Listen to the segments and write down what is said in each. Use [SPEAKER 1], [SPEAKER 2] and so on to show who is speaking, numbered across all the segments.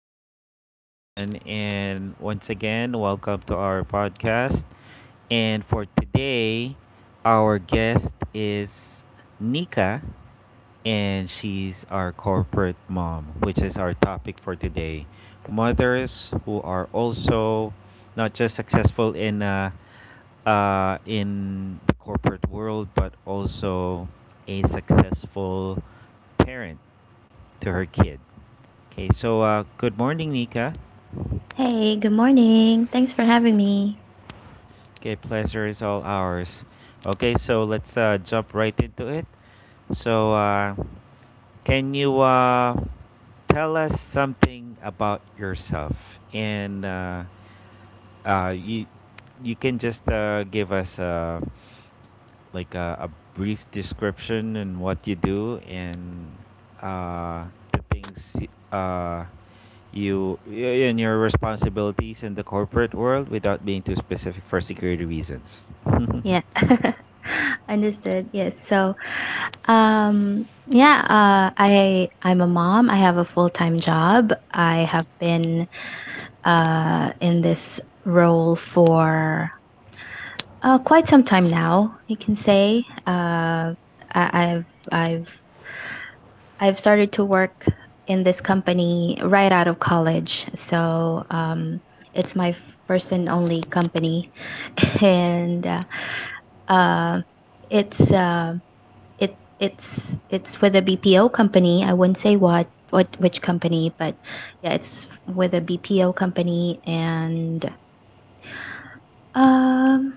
[SPEAKER 1] good morning, everyone. And once again, welcome to our podcast. And for today, our guest is Nika, and she's our corporate mom, which is our topic for today. Mothers who are also not just successful in the corporate world, but also a successful parent to her kid. Okay, so good morning, Nika.
[SPEAKER 2] Hey, good morning. Thanks for having me.
[SPEAKER 1] Okay, pleasure is all ours. Okay, so let's jump right into it. So, can you tell us something about yourself? And uh, you you can just give us like a brief description and what you do, and uh, the things and your responsibilities in the corporate world without being too specific for security reasons.
[SPEAKER 2] Yeah. Understood. Yes. So I'm a mom. I have a full-time job. I have been in this role for quite some time now, you can say. I- I've started to work in this company right out of college. It's my first and only company, and uh, it's it it's with a BPO company. I wouldn't say what which company, but yeah, it's with a BPO company, and um,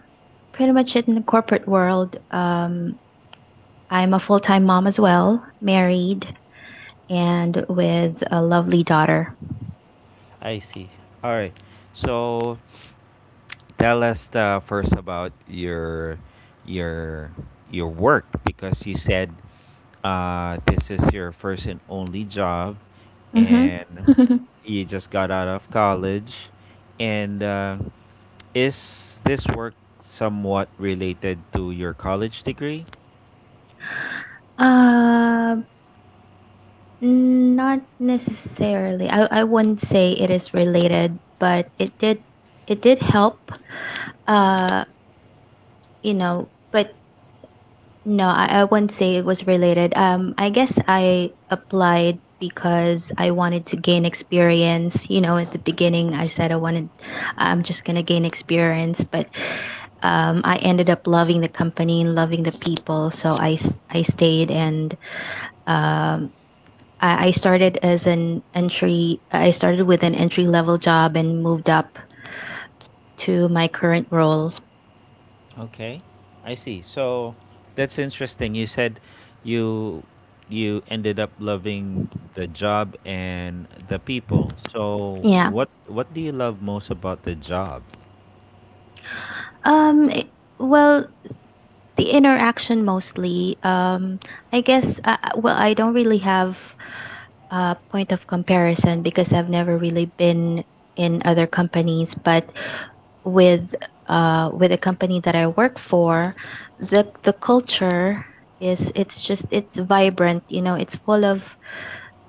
[SPEAKER 2] pretty much in the corporate world. I'm a full time mom as well, married, and with a lovely daughter.
[SPEAKER 1] I see. All right. So tell us first about your your work, because you said this is your first and only job,
[SPEAKER 2] Mhm.
[SPEAKER 1] and you just got out of college, and is this work somewhat related to your college degree?
[SPEAKER 2] Uh, Not necessarily. I wouldn't say it is related, but it did help. Uh, you know, but no, I wouldn't say it was related. I guess I applied because I wanted to gain experience. You know, at the beginning, I said I wanted, I'm just gonna gain experience, but I ended up loving the company and loving the people, so I stayed and um I started as an entry. I started with an entry level job and moved up to my current role.
[SPEAKER 1] Okay, I see. So that's interesting. You said you you ended up loving the job and the people. So
[SPEAKER 2] Yeah.
[SPEAKER 1] what do you love most about the job?
[SPEAKER 2] Um. i- Well, the interaction mostly. I guess. Well, I don't really have a point of comparison because I've never really been in other companies, but with with a company that I work for, the culture is, it's vibrant. You know, it's full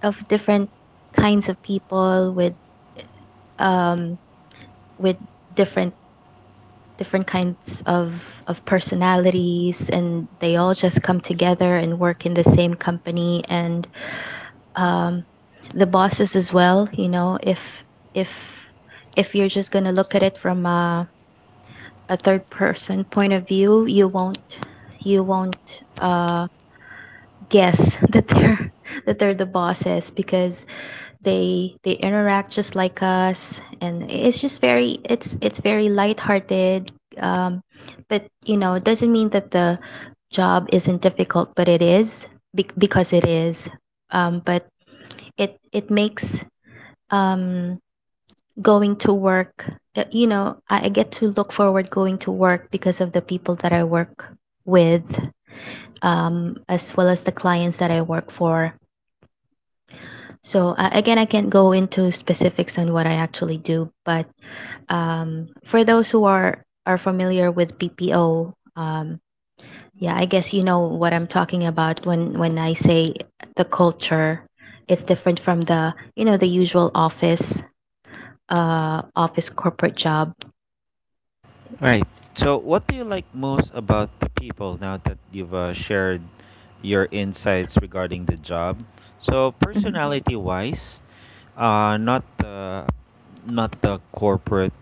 [SPEAKER 2] of different kinds of people with um with different different kinds of personalities, and they all just come together and work in the same company. And um the bosses as well, you know, if if you're just going to look at it from a third person point of view, you won't you won't uh guess that they're the bosses, because they interact just like us, and it's just very, it's very lighthearted. um but you know, it doesn't mean that the job isn't difficult, but it is, because it is. But it makes, um going to work, you know, I get to look forward going to work because of the people that I work with, as well as the clients that I work for. So again, I can't go into specifics on what I actually do, but for those who are familiar with BPO, yeah, I guess you know what I'm talking about when I say the culture. It's different from the, you know, the usual office office corporate job.
[SPEAKER 1] Right. So, what do you like most about the people now that you've shared your insights regarding the job? So,
[SPEAKER 2] Mhm.
[SPEAKER 1] personality-wise, uh, not the not the corporate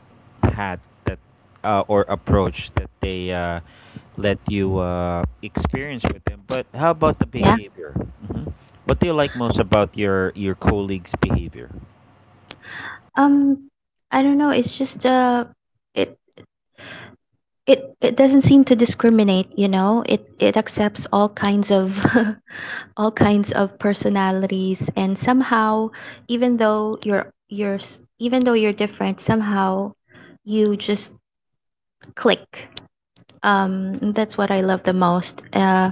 [SPEAKER 1] hat that or approach that they let you experience with them, but how about the
[SPEAKER 2] Yeah.
[SPEAKER 1] behavior? hmm What do you like most about your colleagues' behavior?
[SPEAKER 2] Um, I don't know. It it doesn't seem to discriminate. You know, it accepts all kinds of, all kinds of personalities, and somehow, even though even though you're different, somehow you just click. That's what I love the most. uh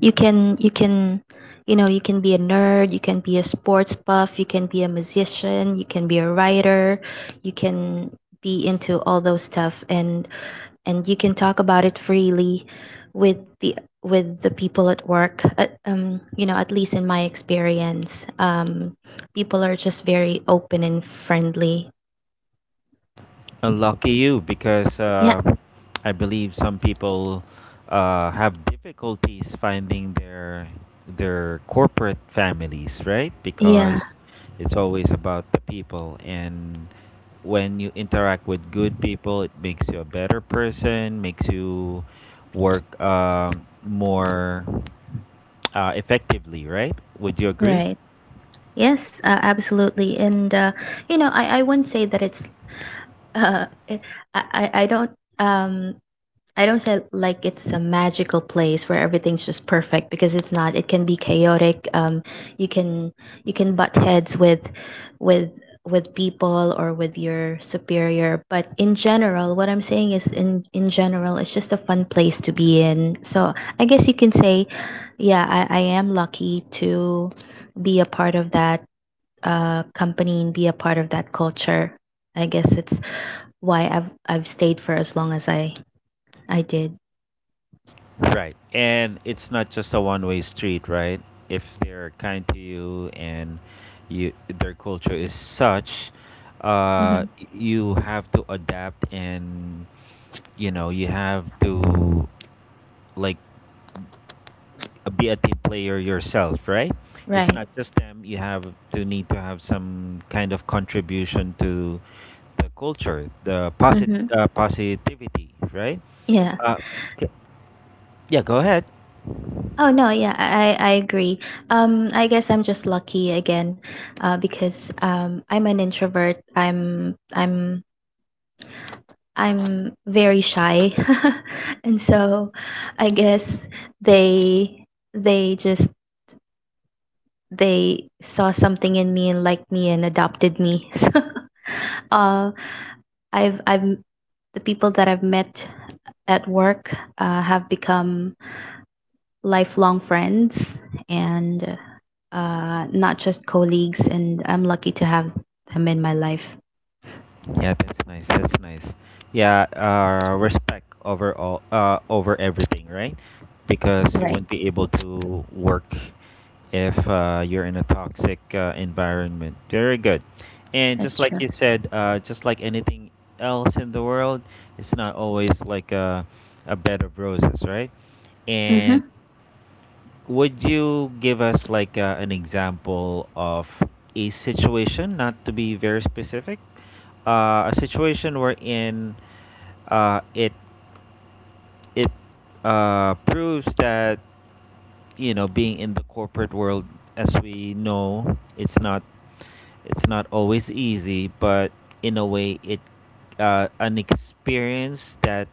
[SPEAKER 2] you can You can, you know, you can be a nerd, you can be a sports buff, you can be a musician, you can be a writer, you can be into all those stuff. And you can talk about it freely with the, with the people at work. You know, at least in my experience, people are just very open and friendly.
[SPEAKER 1] Lucky you, because
[SPEAKER 2] Yeah.
[SPEAKER 1] I believe some people have difficulties finding their corporate families, right?
[SPEAKER 2] Yeah.
[SPEAKER 1] Because it's always about the people, and when you interact with good people, it makes you a better person, makes you work more effectively, right? Would you agree?
[SPEAKER 2] Right. Yes, absolutely. And you know, I wouldn't say that it's, it- I don't, um I don't say like it's a magical place where everything's just perfect, because it's not. It can be chaotic. You can, you can butt heads with with people or with your superior. But in general, what I'm saying is, in general, it's just a fun place to be in. So I guess you can say, yeah, I am lucky to be a part of that company and be a part of that culture. I guess it's why I've stayed for as long as I did.
[SPEAKER 1] Right. And it's not just a one-way street, right? If they're kind to you and you their culture is such,
[SPEAKER 2] Mm-hmm.
[SPEAKER 1] uh y- you have to adapt and, you know, you have to, like, be a team player yourself, right? It's
[SPEAKER 2] Right.
[SPEAKER 1] not just them, you have to need to have some kind of contribution to the culture, the
[SPEAKER 2] Mm-hmm.
[SPEAKER 1] positivity, right?
[SPEAKER 2] Yeah.
[SPEAKER 1] Uh, yeah, go ahead.
[SPEAKER 2] Oh no, yeah, I agree. I guess I'm just lucky again, because I'm an introvert. I'm very shy, and so I guess they they just they saw something in me and liked me and adopted me. So, uh, I've the people that I've met at work have become lifelong friends and not just colleagues. And I'm lucky to have them in my life.
[SPEAKER 1] Yeah, that's nice. That's nice. Yeah, respect over all, over everything, right? Because you
[SPEAKER 2] Right.
[SPEAKER 1] wouldn't be able to work if you're in a toxic environment. Very good. And
[SPEAKER 2] That's
[SPEAKER 1] just like
[SPEAKER 2] true.
[SPEAKER 1] you said, just like anything else in the world, it's not always like a bed of roses, right? And
[SPEAKER 2] Hmm.
[SPEAKER 1] would you give us like an example of a situation, not to be very specific, a situation wherein uh, it it proves that, you know, being in the corporate world, as we know, it's not always easy, but in a way, it an experience that,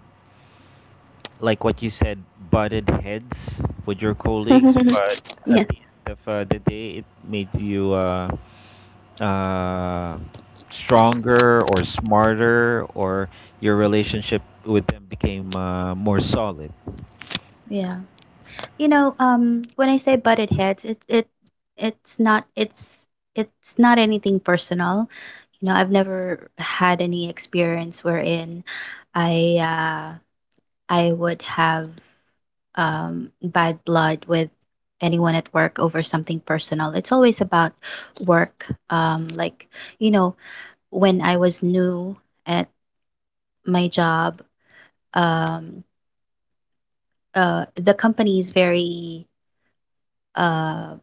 [SPEAKER 1] like what you said, butted heads with your colleagues, but
[SPEAKER 2] Yeah.
[SPEAKER 1] at the end of the day, it made you uh, stronger or smarter, or your relationship with them became more solid.
[SPEAKER 2] Yeah. You know, when I say butted heads, it's not it's it's not anything personal. You know, I've never had any experience wherein I uh, I would have bad blood with anyone at work over something personal. It's always about work. Like, you know, when I was new at my job, um, the company is very, uh,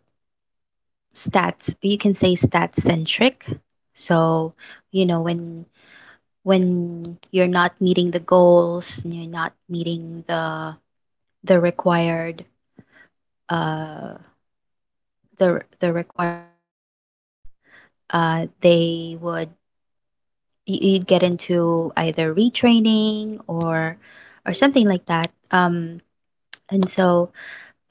[SPEAKER 2] stats, you can say stats centric. So, you know, when you're not meeting the goals and you're not meeting the, the required uh the required metrics, they would, you'd get into either retraining or something like that. And so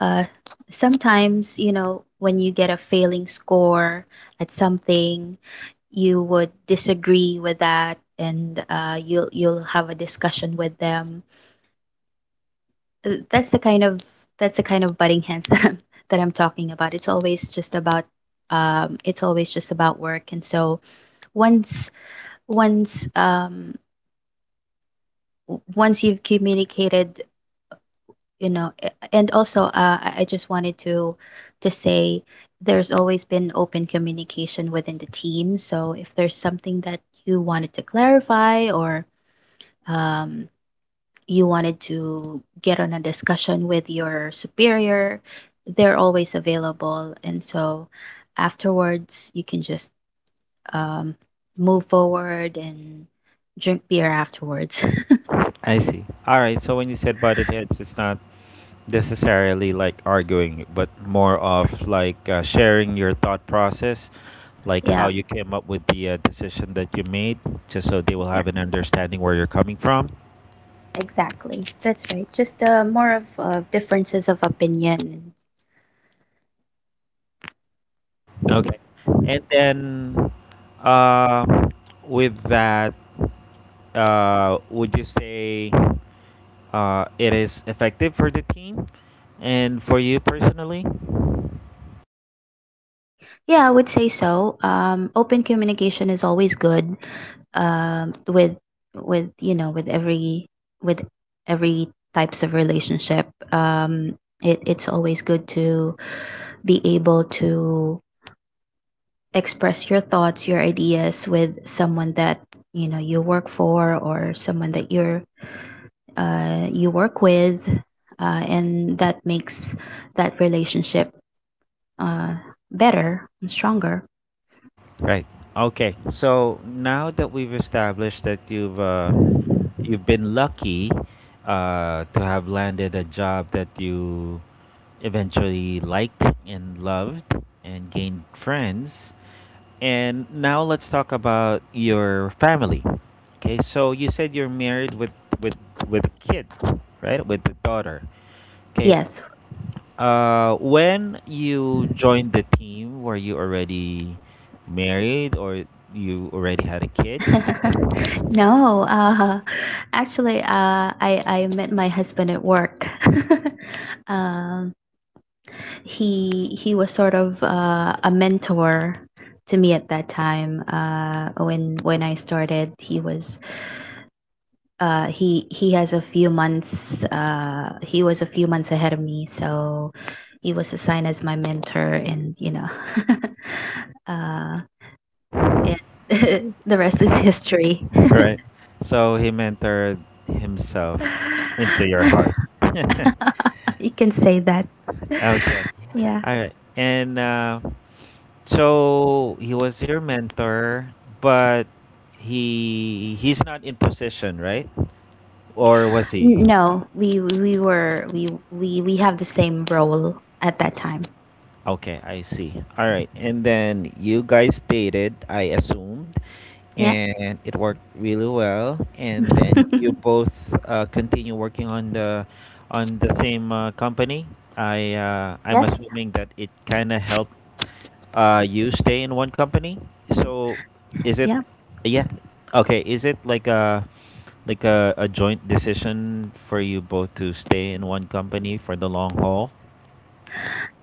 [SPEAKER 2] uh Sometimes, you know, when you get a failing score at something, you would disagree with that, and you'll have a discussion with them. Uh, that's the kind of that's the kind of butting hands that I'm, that I'm talking about. It's always just about work. And so, once once, once you've communicated, you know, and also, I just wanted to say, there's always been open communication within the team, so if there's something that you wanted to clarify or um, you wanted to get on a discussion with your superior, they're always available. And so afterwards you can just um, move forward and drink beer afterwards.
[SPEAKER 1] I see. All right. So when you said butted heads, it's not necessarily like arguing, but more of like sharing your thought process, like how
[SPEAKER 2] Yeah.
[SPEAKER 1] you came up with the decision that you made, just so they will have an understanding where you're coming from.
[SPEAKER 2] Exactly. That's right. Just more of differences of opinion.
[SPEAKER 1] Okay. And then uh, with that, would you say it is effective for the team and for you personally?
[SPEAKER 2] Yeah, I would say so. Open communication is always good. With, with every, with every types of relationship. Um, it, it's always good to be able to express your thoughts, your ideas with someone that you know you work for or someone that you're, you work with, and that makes that relationship uh, better and stronger.
[SPEAKER 1] Right. Okay. So now that we've established that you've been lucky to have landed a job that you eventually liked and loved and gained friends, and now let's talk about your family. Okay, so you said you're married with with a kid, right? With the daughter. Okay,
[SPEAKER 2] Yes.
[SPEAKER 1] when you joined the team, were you already married, or you already had a kid?
[SPEAKER 2] No, actually, I met my husband at work. um, he was sort of a mentor to me at that time. When I started, he was, he has a few months, he was a few months ahead of me, so he was assigned as my mentor. And you know uh, and the rest is history.
[SPEAKER 1] Right. So he mentored himself into your heart.
[SPEAKER 2] You can say that.
[SPEAKER 1] Okay.
[SPEAKER 2] Yeah.
[SPEAKER 1] All right. And so he was your mentor, but he's not in position, right? Or was he?
[SPEAKER 2] N- no we we were We have the same role at that time.
[SPEAKER 1] Okay, I see. All right. And then you guys dated, I assumed,
[SPEAKER 2] Yeah.
[SPEAKER 1] and it worked really well. And then you both continue working on the same company.
[SPEAKER 2] Yeah.
[SPEAKER 1] I'm assuming that it kind of helped you stay in one company. So is it
[SPEAKER 2] Yeah.
[SPEAKER 1] yeah, okay, is it like a joint decision for you both to stay in one company for the long haul?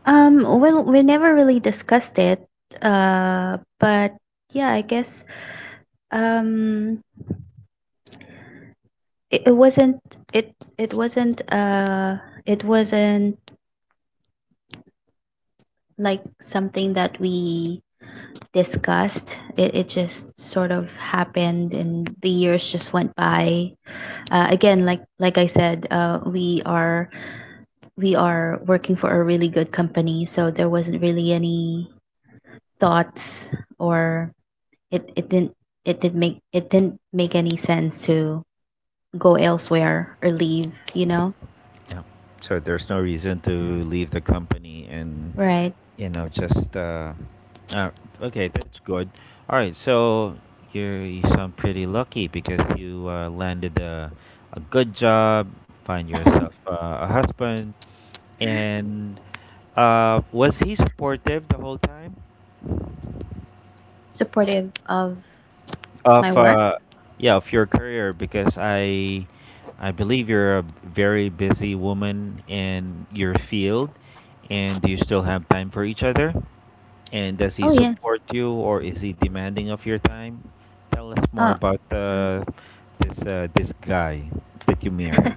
[SPEAKER 2] Well, we never really discussed it. But yeah, I guess, um it, wasn't, it wasn't like something that we discussed. It just sort of happened, and the years just went by. Again, like I said, we are working for a really good company, so there wasn't really any thoughts or, it didn't it did make it didn't make any sense to go elsewhere or leave, you know.
[SPEAKER 1] Yeah. So there's no reason to leave the company, and,
[SPEAKER 2] Right.
[SPEAKER 1] you know, uh okay, that's good. All right. So you sound pretty lucky because you landed a good job, find yourself a husband. And was he supportive the whole time?
[SPEAKER 2] Supportive of my
[SPEAKER 1] Of
[SPEAKER 2] work?
[SPEAKER 1] yeah, of your career, because I believe you're a very busy woman in your field, and do you still have time for each other, and does he
[SPEAKER 2] Oh, yes.
[SPEAKER 1] support you or is he demanding of your time? Tell us more
[SPEAKER 2] Oh,
[SPEAKER 1] about
[SPEAKER 2] um,
[SPEAKER 1] this guy that you married.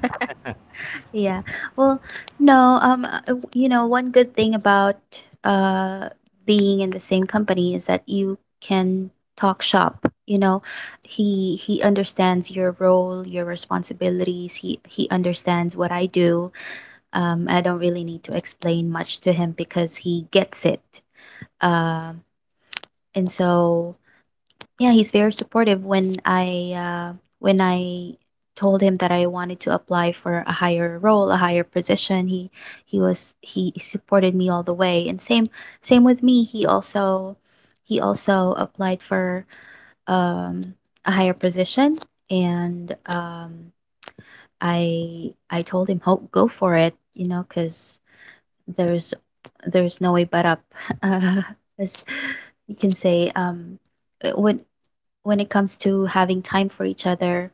[SPEAKER 2] yeah. Well, no, you know, one good thing about uh being in the same company is that you can talk shop. You know, he understands your role, your responsibilities. He understands what I do. I don't really need to explain much to him because he gets it. Um, and so, yeah, he's very supportive. When I told him that I wanted to apply for a higher role, a higher position, he was, he supported me all the way. And same, with me, he also, applied for um a higher position. And I told him, hope go for it, you know, because there's there's no way but up. uh, as you can say. When it comes to having time for each other,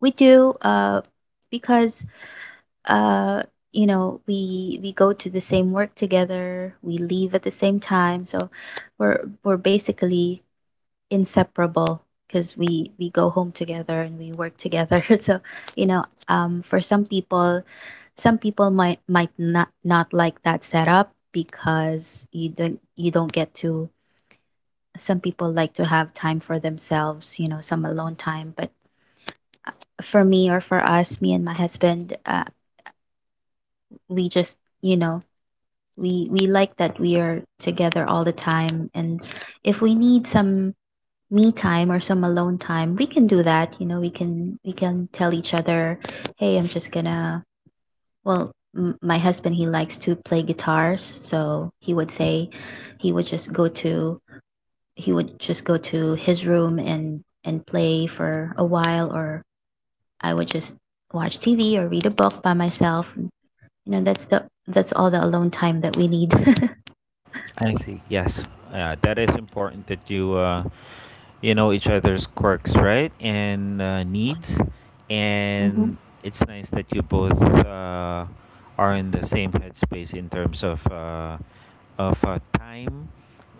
[SPEAKER 2] we do, because, uh, you know, we go to the same work together. We leave at the same time, so we're basically inseparable, because we go home together and we work together. For some people, some people might not like that setup because you don't get to some people like to have time for themselves, you know, some alone time. But for me, or for us, me and my husband, we just, we like that we are together all the time, and if we need some me time or some alone time, we can do that. You know, we can tell each other, hey, I'm just gonna. Well, my husband, he likes to play guitars, so he would say he would just go to he would just go to his room and play for a while, or I would just watch TV or read a book by myself. You know, that's all the alone time that we need.
[SPEAKER 1] I see. Yes, that is important that you you know each other's quirks, right, and needs,
[SPEAKER 2] hmm.
[SPEAKER 1] and it's nice that you both are in the same headspace in terms of time,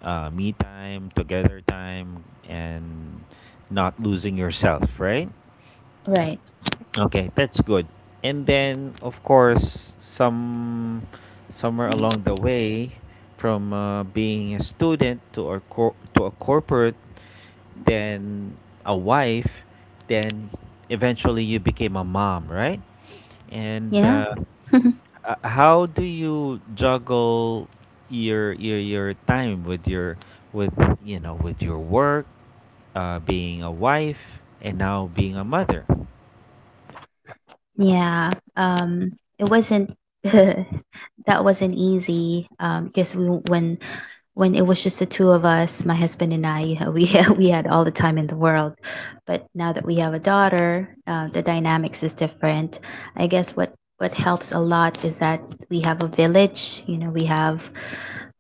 [SPEAKER 1] me time, together time, and not losing yourself, right?
[SPEAKER 2] Right.
[SPEAKER 1] Okay, that's good. And then, of course, somewhere along the way, from being a student to a to a corporate, then a wife, then eventually you became a mom, right? And
[SPEAKER 2] Yeah.
[SPEAKER 1] how do you juggle your time with your with you know with your work, being a wife, and now being a mother?
[SPEAKER 2] Yeah. It wasn't that wasn't easy. Because we when it was just the two of us, my husband and I, we had all the time in the world. But now that we have a daughter, the dynamics is different. I guess what helps a lot is that we have a village. You know, we have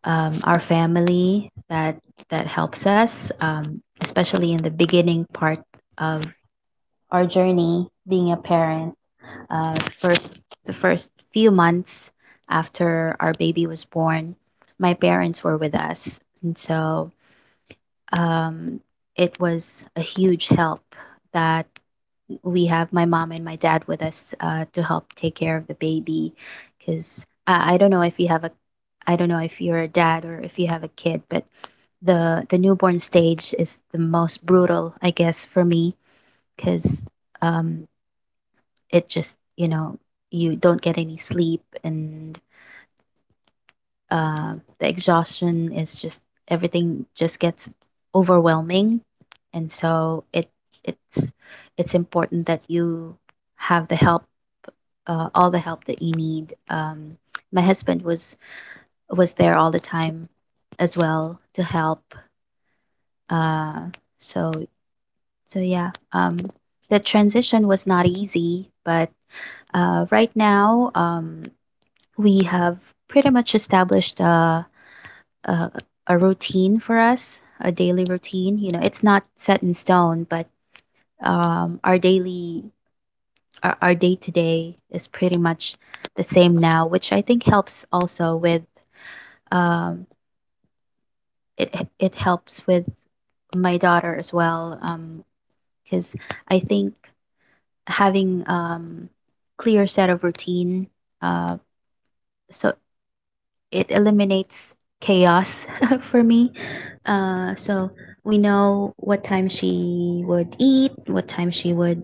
[SPEAKER 2] our family that helps us, especially in the beginning part of our journey being a parent. uh, the first the first few months after our baby was born, my parents were with us, and so um, it was a huge help that we have my mom and my dad with us to help take care of the baby. Because I don't know if you have a I don't know if you're a dad or if you have a kid, but the newborn stage is the most brutal, I guess, for me. Because um it just, you know, you don't get any sleep, and uh, the exhaustion is just everything just gets overwhelming. And so it's it's important that you have the help, all the help that you need. My husband was there all the time as well to help. uh, so so yeah um, the transition was not easy, but right now, we have pretty much established a a routine for us, a daily routine. You know, it's not set in stone, but um, our daily our day to day is pretty much the same now, which I think helps also with um, it it helps with my daughter as well. Because I think having clear set of routine uh, so it eliminates chaos for me. So we know what time she would eat, what time she would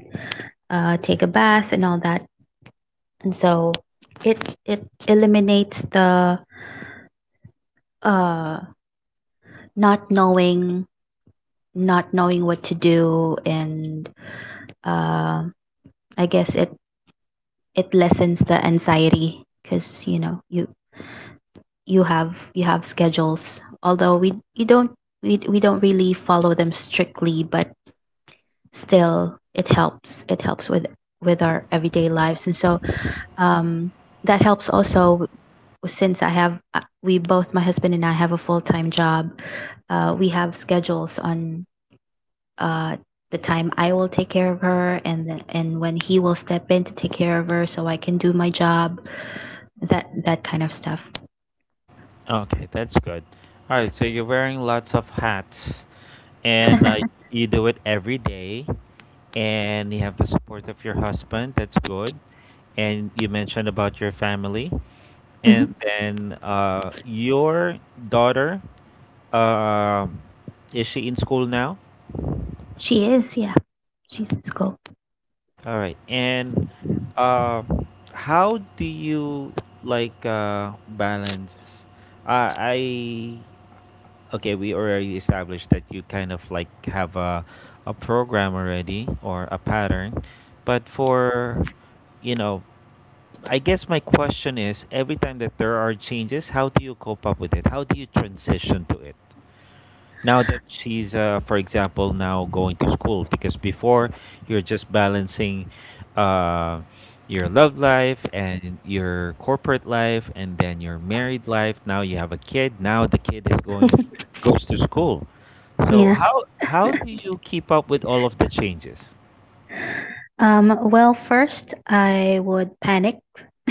[SPEAKER 2] take a bath, and all that. And so it eliminates the uh, not knowing not knowing what to do, and uh, I guess it lessens the anxiety because, you know, you have schedules. Although we you don't we don't really follow them strictly, but still it helps with our everyday lives. And so um that helps also, since I have we both, my husband and I, have a full-time job. We have schedules on uh the time I will take care of her, and when he will step in to take care of her so I can do my job, that kind of stuff.
[SPEAKER 1] Okay, that's good. All right, so you're wearing lots of hats, and you do it every day, and you have the support of your husband. That's good. And you mentioned about your family, and
[SPEAKER 2] hmm.
[SPEAKER 1] then your daughter, um is she in school now?
[SPEAKER 2] She is, yeah, she's in school.
[SPEAKER 1] All right. And uh, how do you, like, balance? I Okay, we already established that you kind of like have a program already or a pattern. But for, you know, I guess my question is, every time that there are changes, how do you cope up with it? How do you transition to it? Now that she's, for example, now going to school, because before you're just balancing uh, your love life and your corporate life and then your married life. Now you have a kid. Now the kid is going goes to school. So
[SPEAKER 2] Yeah.
[SPEAKER 1] how do you keep up with all of the changes?
[SPEAKER 2] Well, first I would panic,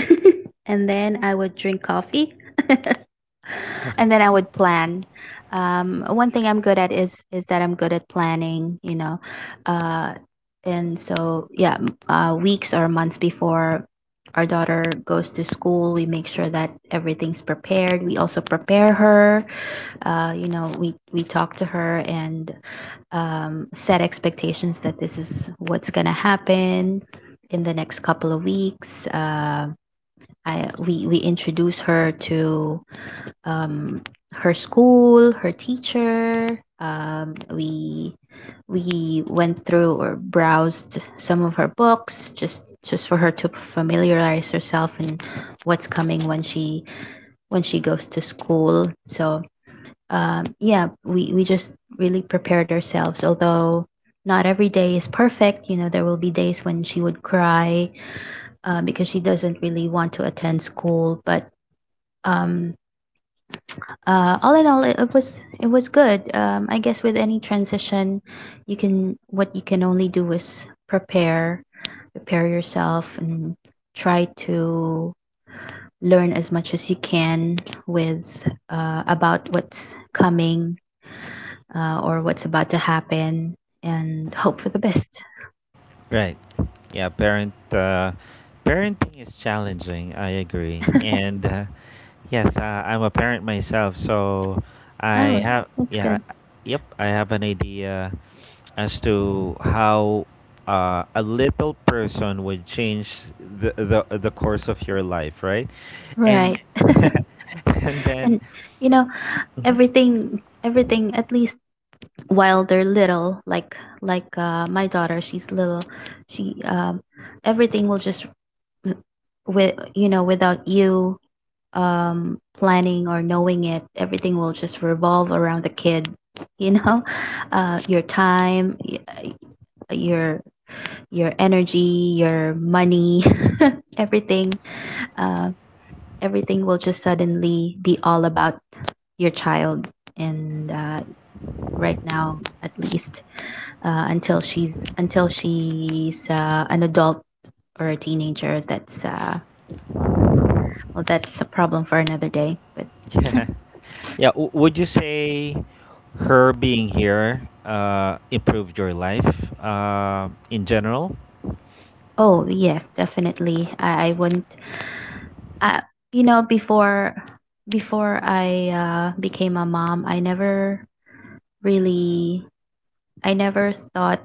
[SPEAKER 2] and then I would drink coffee, and then I would plan. One thing I'm good at is that I'm good at planning, you know. Uh, and so yeah, weeks or months before our daughter goes to school, we make sure that everything's prepared. We also prepare her. You know, we talked to her, and set expectations that this is what's gonna happen in the next couple of weeks. We introduce her to um, her school, her teacher. We went through or browsed some of her books, just for her to familiarize herself and what's coming when she goes to school. So yeah, we just really prepared ourselves. Although not every day is perfect, you know, there will be days when she would cry because she doesn't really want to attend school. But um, all in all, it was good. I guess with any transition, you can what you can only do is prepare, prepare yourself, and try to learn as much as you can with about what's coming, or what's about to happen, and hope for the best.
[SPEAKER 1] Right. Yeah, parenting is challenging. I agree. And yes, I'm a parent myself, so I
[SPEAKER 2] Oh,
[SPEAKER 1] have
[SPEAKER 2] that's
[SPEAKER 1] yeah,
[SPEAKER 2] good.
[SPEAKER 1] I- yep, I have an idea as to how a little person would change the course of your life, right?
[SPEAKER 2] Right.
[SPEAKER 1] And and
[SPEAKER 2] And
[SPEAKER 1] then
[SPEAKER 2] you know,
[SPEAKER 1] Mhm.
[SPEAKER 2] everything, at least while they're little, like my daughter, she's little, she everything will just, with you know, without you planning or knowing it, everything will just revolve around the kid, you know. Your your your energy, your money, everything. Uh, Everything will just suddenly be all about your child. And right now, at least, until she's an adult or a teenager, that's well, well, that's a problem for another day. But
[SPEAKER 1] yeah. Yeah, would you say her being here improved your life in general?
[SPEAKER 2] oh yes, definitely. I wouldn't. I, you know, before I became a mom, I never really I never thought,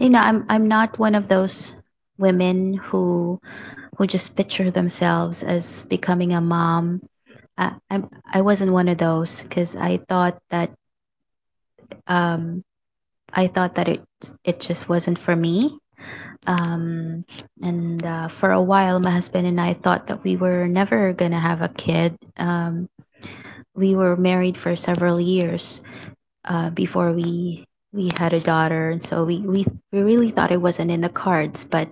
[SPEAKER 2] you know. I'm not one of those women who just picture themselves as becoming a mom. I wasn't one of those, because um I thought that it just wasn't for me. Um, and for a while, my husband and I thought that we were never gonna have a kid. We were married for several years before we had a daughter, and so we really thought it wasn't in the cards. But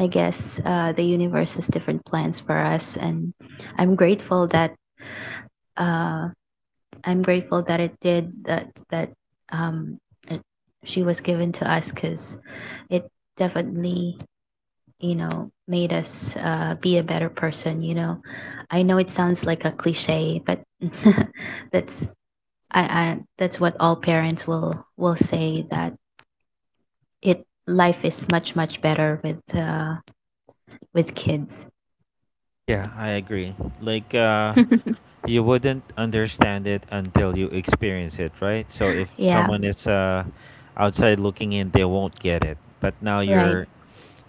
[SPEAKER 2] I guess the universe has different plans for us, and I'm grateful that uh, I'm grateful that it did, um, it, she was given to us. Because it definitely, you know, made us be a better person. You know, I know it sounds like a cliche, but that's I that's what all parents will say, that it life is much much better with kids.
[SPEAKER 1] Yeah, I agree. Like, you wouldn't understand it until you experience it, right? So if
[SPEAKER 2] Yeah,
[SPEAKER 1] someone is outside looking in, they won't get it. But now
[SPEAKER 2] right.
[SPEAKER 1] you're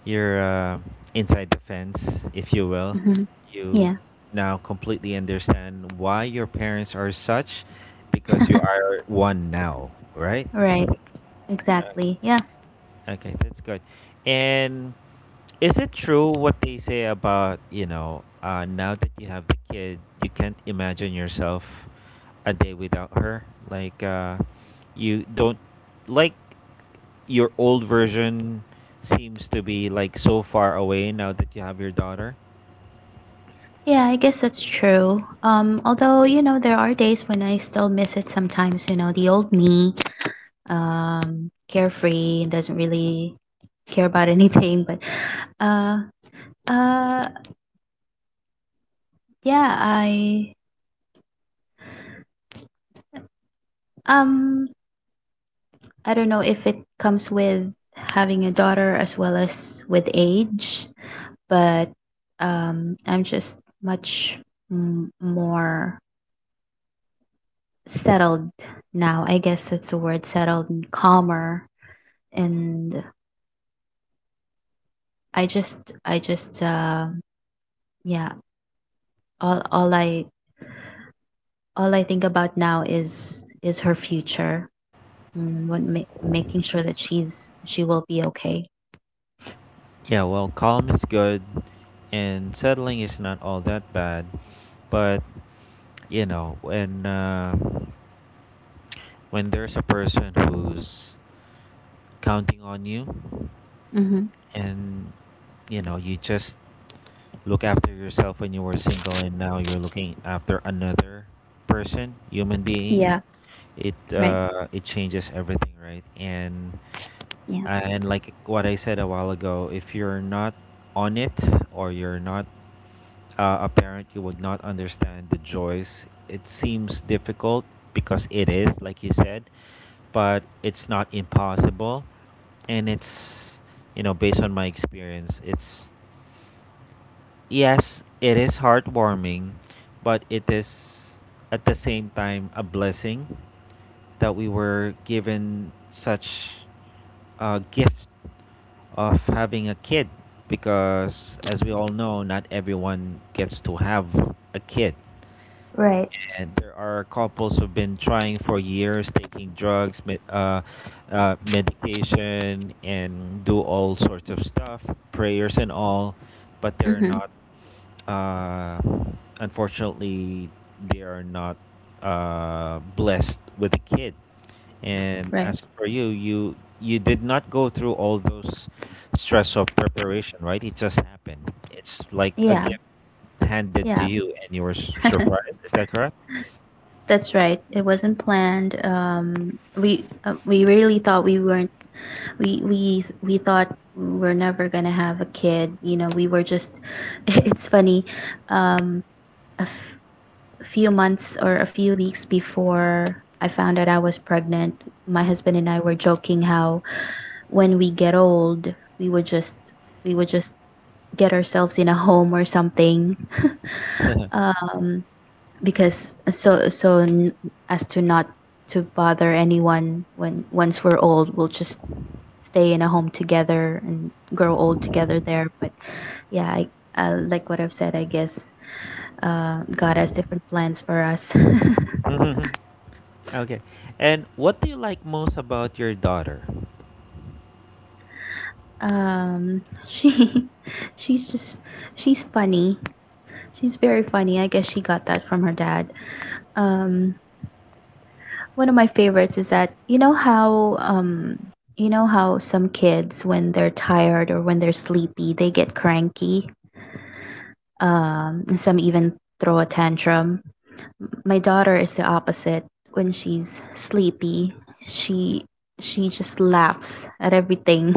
[SPEAKER 1] you're uh, inside the fence, if you will.
[SPEAKER 2] hmm.
[SPEAKER 1] You
[SPEAKER 2] Yeah,
[SPEAKER 1] now completely understand why your parents are such, because you are one now, right?
[SPEAKER 2] right. Exactly. Yeah,
[SPEAKER 1] Okay, that's good. And is it true what they say about, you know, now that you have the kid, you can't imagine yourself a day without her? Like, you don't, like, your old version seems to be, like, so far away now that you have your daughter?
[SPEAKER 2] yeah. I guess that's true. Although you know there are days when I still miss it sometimes. You know, the old me, carefree and doesn't really care about anything. But uh, uh, yeah. Um, I don't know if it comes with having a daughter as well as with age. But I'm just much more settled now. I guess that's the word, settled and calmer. And I just, I just, um yeah. All, all I, all I think about now is her future and making sure that she will be okay.
[SPEAKER 1] Yeah, well, calm is good, and settling is not all that bad. But, you know, when there's a person who's counting on you,
[SPEAKER 2] Mm-hmm.
[SPEAKER 1] and you know, you just look after yourself when you were single, and now you're looking after another person, human being,
[SPEAKER 2] Yeah.
[SPEAKER 1] it
[SPEAKER 2] Right.
[SPEAKER 1] it changes everything, right? and
[SPEAKER 2] Yeah.
[SPEAKER 1] and like what I said a while ago, if you're not on it or you're not a parent, you would not understand the joys. It seems difficult because it is, like you said, but it's not impossible. And it's, you know, based on my experience, it's yes, it is heartwarming, but it is at the same time a blessing that we were given such a gift of having a kid, because as we all know, not everyone gets to have a kid.
[SPEAKER 2] Right.
[SPEAKER 1] And there are couples who've been trying for years, taking drugs, medication, and do all sorts of stuff, prayers and all, but they're
[SPEAKER 2] Mm-hmm.
[SPEAKER 1] not uh, unfortunately, they are not blessed with a kid. And
[SPEAKER 2] Right.
[SPEAKER 1] as for you, you did not go through all those stress of preparation, right? It just happened. It's like a
[SPEAKER 2] Yeah.
[SPEAKER 1] gift handed to
[SPEAKER 2] Yeah.
[SPEAKER 1] you, and you were surprised. Is that correct?
[SPEAKER 2] That's right. It wasn't planned. We really thought we weren't. We thought we were never gonna have a kid. You know, we were just. It's funny. Um, a f- few months or a few weeks before I found out I was pregnant, my husband and I were joking how when we get old, we would just get ourselves in a home or something. um because as to not to bother anyone, when once we're old, we'll just stay in a home together and grow old together there. But yeah, I like what I've said, I guess God has different plans for us.
[SPEAKER 1] Mhm. Okay, and what do you like most about your daughter?
[SPEAKER 2] um she she's just she's funny. She's very funny. I guess she got that from her dad. um One of my favorites is that, you know how some kids, when they're tired or when they're sleepy, they get cranky, and some even throw a tantrum. My daughter is the opposite. When she's sleepy, she she just laughs at everything.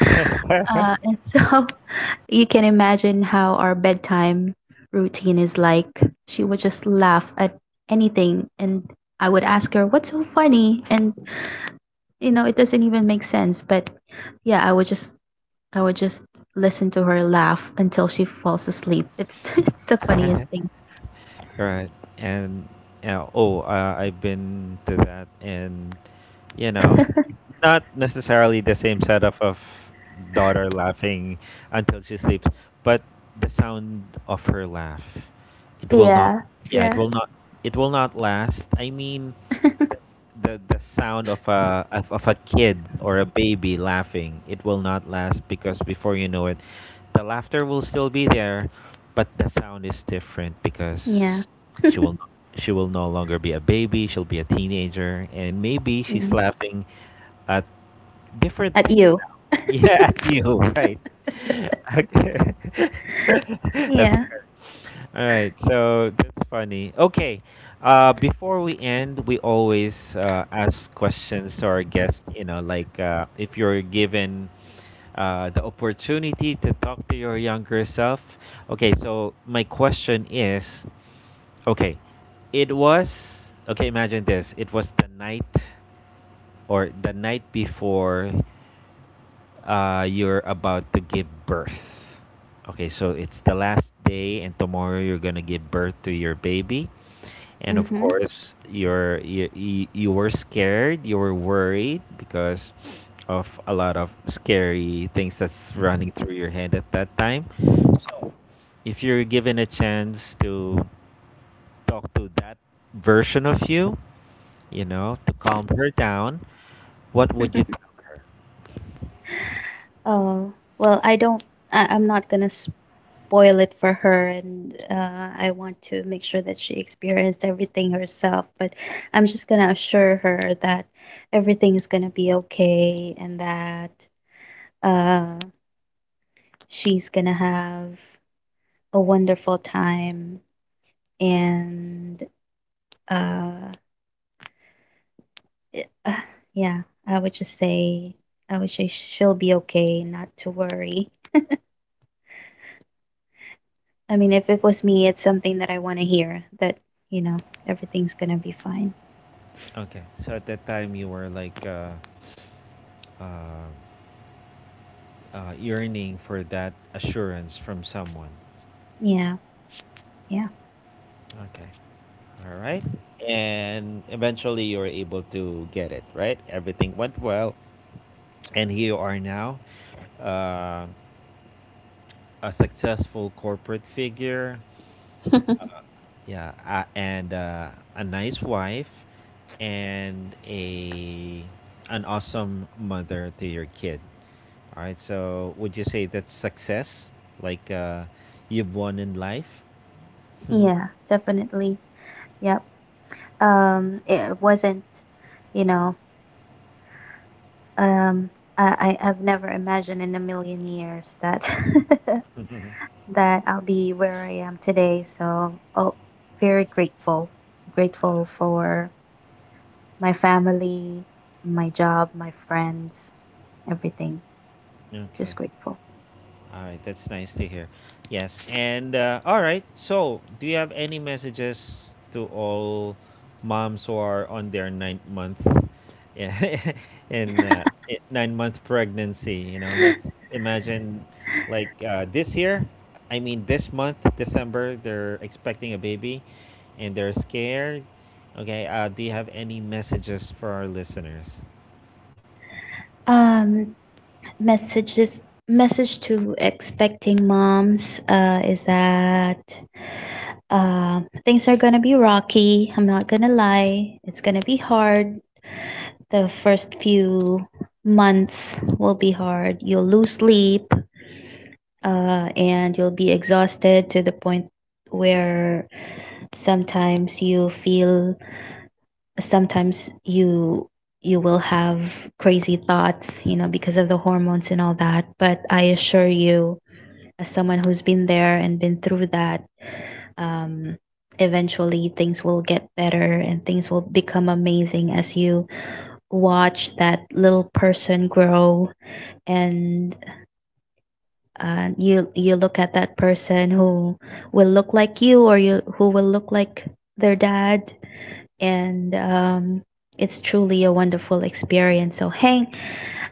[SPEAKER 2] And so you can imagine how our bedtime routine is like. She would just laugh at anything, and I would ask her what's so funny, and, you know, it doesn't even make sense. But yeah, I would just listen to her laugh until she falls asleep. It's it's the funniest thing.
[SPEAKER 1] right. And yeah, oh, I've been to that, and you know, not necessarily the same setup of daughter laughing until she sleeps, but the sound of her laugh, it will not.
[SPEAKER 2] Yeah.
[SPEAKER 1] Yeah,
[SPEAKER 2] Yeah.
[SPEAKER 1] it will not. It will not last. I mean, the sound of a of a kid or a baby laughing, it will not last because before you know it, the laughter will still be there, but the sound is different
[SPEAKER 2] Yeah.
[SPEAKER 1] because she will, she will no longer be a baby. She'll be a teenager, and maybe she's
[SPEAKER 2] Mm.
[SPEAKER 1] laughing at different
[SPEAKER 2] At
[SPEAKER 1] things
[SPEAKER 2] you.
[SPEAKER 1] now. Yeah, at you, right? Okay. That's
[SPEAKER 2] Yeah.
[SPEAKER 1] good. All right, so that's funny. Okay, before we end, we always ask questions to our guests. You know, like if you're given the opportunity to talk to your younger self. Okay, so my question is, okay, it was okay. Imagine this: it was the night or the night before you're about to give birth. Okay, so it's the last day, and tomorrow you're gonna give birth to your baby. And of
[SPEAKER 2] Mm-hmm.
[SPEAKER 1] course, you were scared, you were worried because of a lot of scary things that's running through your head at that time. So, if you're given a chance to talk to that version of you, you know, to calm her down, what would you?
[SPEAKER 2] Oh well, I don't I, I'm not gonna spoil it for her. And I want to make sure that she experienced everything herself. But I'm just gonna assure her that everything is gonna be okay, and that uh she's gonna have a wonderful time. And uh, it- uh yeah, i would just say I would say she'll be okay, not to worry. I mean, if it was me, it's something that I want to hear, that, you know, everything's gonna be fine.
[SPEAKER 1] Okay. So at that time, you were like uh, yearning for that assurance from someone.
[SPEAKER 2] Yeah. Yeah.
[SPEAKER 1] Okay. All right. And eventually, you were able to get it, right? Everything went well. And here you are now, uh, a successful corporate figure. Yeah, and a nice wife and a an awesome mother to your kid. All right, so would you say that's success? Like you've won in life?
[SPEAKER 2] Yeah, definitely. Yep. It wasn't, you know, um I- I've never imagined in a million years that that I'll be where I am today. So, oh, very grateful. Grateful for my family, my job, my friends, everything. Just
[SPEAKER 1] okay.
[SPEAKER 2] grateful.
[SPEAKER 1] All right, that's nice to hear. Yes, and all right. So, do you have any messages to all moms who are on their ninth month, yeah, in 9-month pregnancy? You know, let's imagine like this year. I mean, this month, December, they're expecting a baby, and they're scared. Okay, do you have any messages for our listeners?
[SPEAKER 2] um messages Message to expecting moms, is that things are gonna be rocky. I'm not gonna lie, it's gonna be hard. The first few months will be hard. You'll lose sleep, and you'll be exhausted to the point where sometimes you feel sometimes you you will have crazy thoughts, you know, because of the hormones and all that. But I assure you, as someone who's been there and been through that, um, eventually things will get better, and things will become amazing as you watch that little person grow, and you look at that person who will look like you, or you who will look like their dad. And it's truly a wonderful experience. So hang,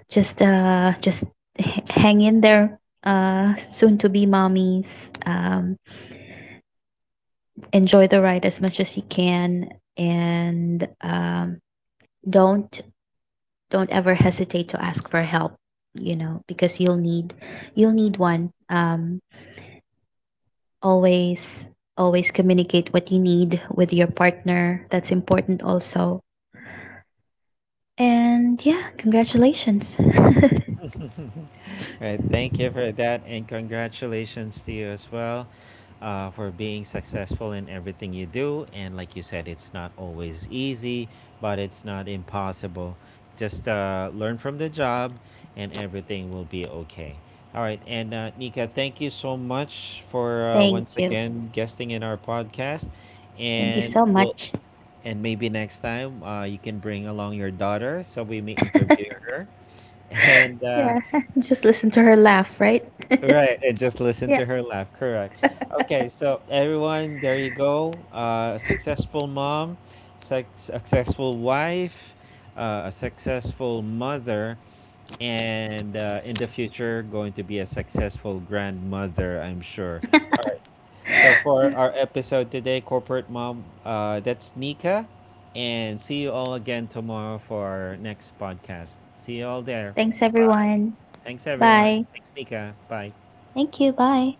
[SPEAKER 2] just uh just hang in there, soon to be mommies. Enjoy the ride as much as you can, and don't ever hesitate to ask for help. You know, because you'll need one. Always Always communicate what you need with your partner. That's important also. And yeah, congratulations.
[SPEAKER 1] Right. Thank you for that, and congratulations to you as well for being successful in everything you do. And like you said, it's not always easy, but it's not impossible. Just learn from the job, and everything will be okay. All right, and Nika, thank you so much for
[SPEAKER 2] Thank
[SPEAKER 1] once
[SPEAKER 2] you.
[SPEAKER 1] again guesting in our podcast,
[SPEAKER 2] Thank you
[SPEAKER 1] and
[SPEAKER 2] so
[SPEAKER 1] we'll.
[SPEAKER 2] much.
[SPEAKER 1] And maybe next time you can bring along your daughter so we may interview her. and
[SPEAKER 2] Yeah, just listen to her laugh, right?
[SPEAKER 1] right, and just listen
[SPEAKER 2] Yeah,
[SPEAKER 1] to her laugh. Correct. Okay, so everyone, there you go. A successful mom, successful wife, a successful mother, and in the future, going to be a successful grandmother, I'm sure. So for our episode today, Corporate Mom, that's Nika, and see you all again tomorrow for our next podcast. See you all there.
[SPEAKER 2] thanks
[SPEAKER 1] Bye.
[SPEAKER 2] everyone.
[SPEAKER 1] Thanks, everyone.
[SPEAKER 2] Bye.
[SPEAKER 1] Thanks, Nika. Bye.
[SPEAKER 2] Thank you, bye.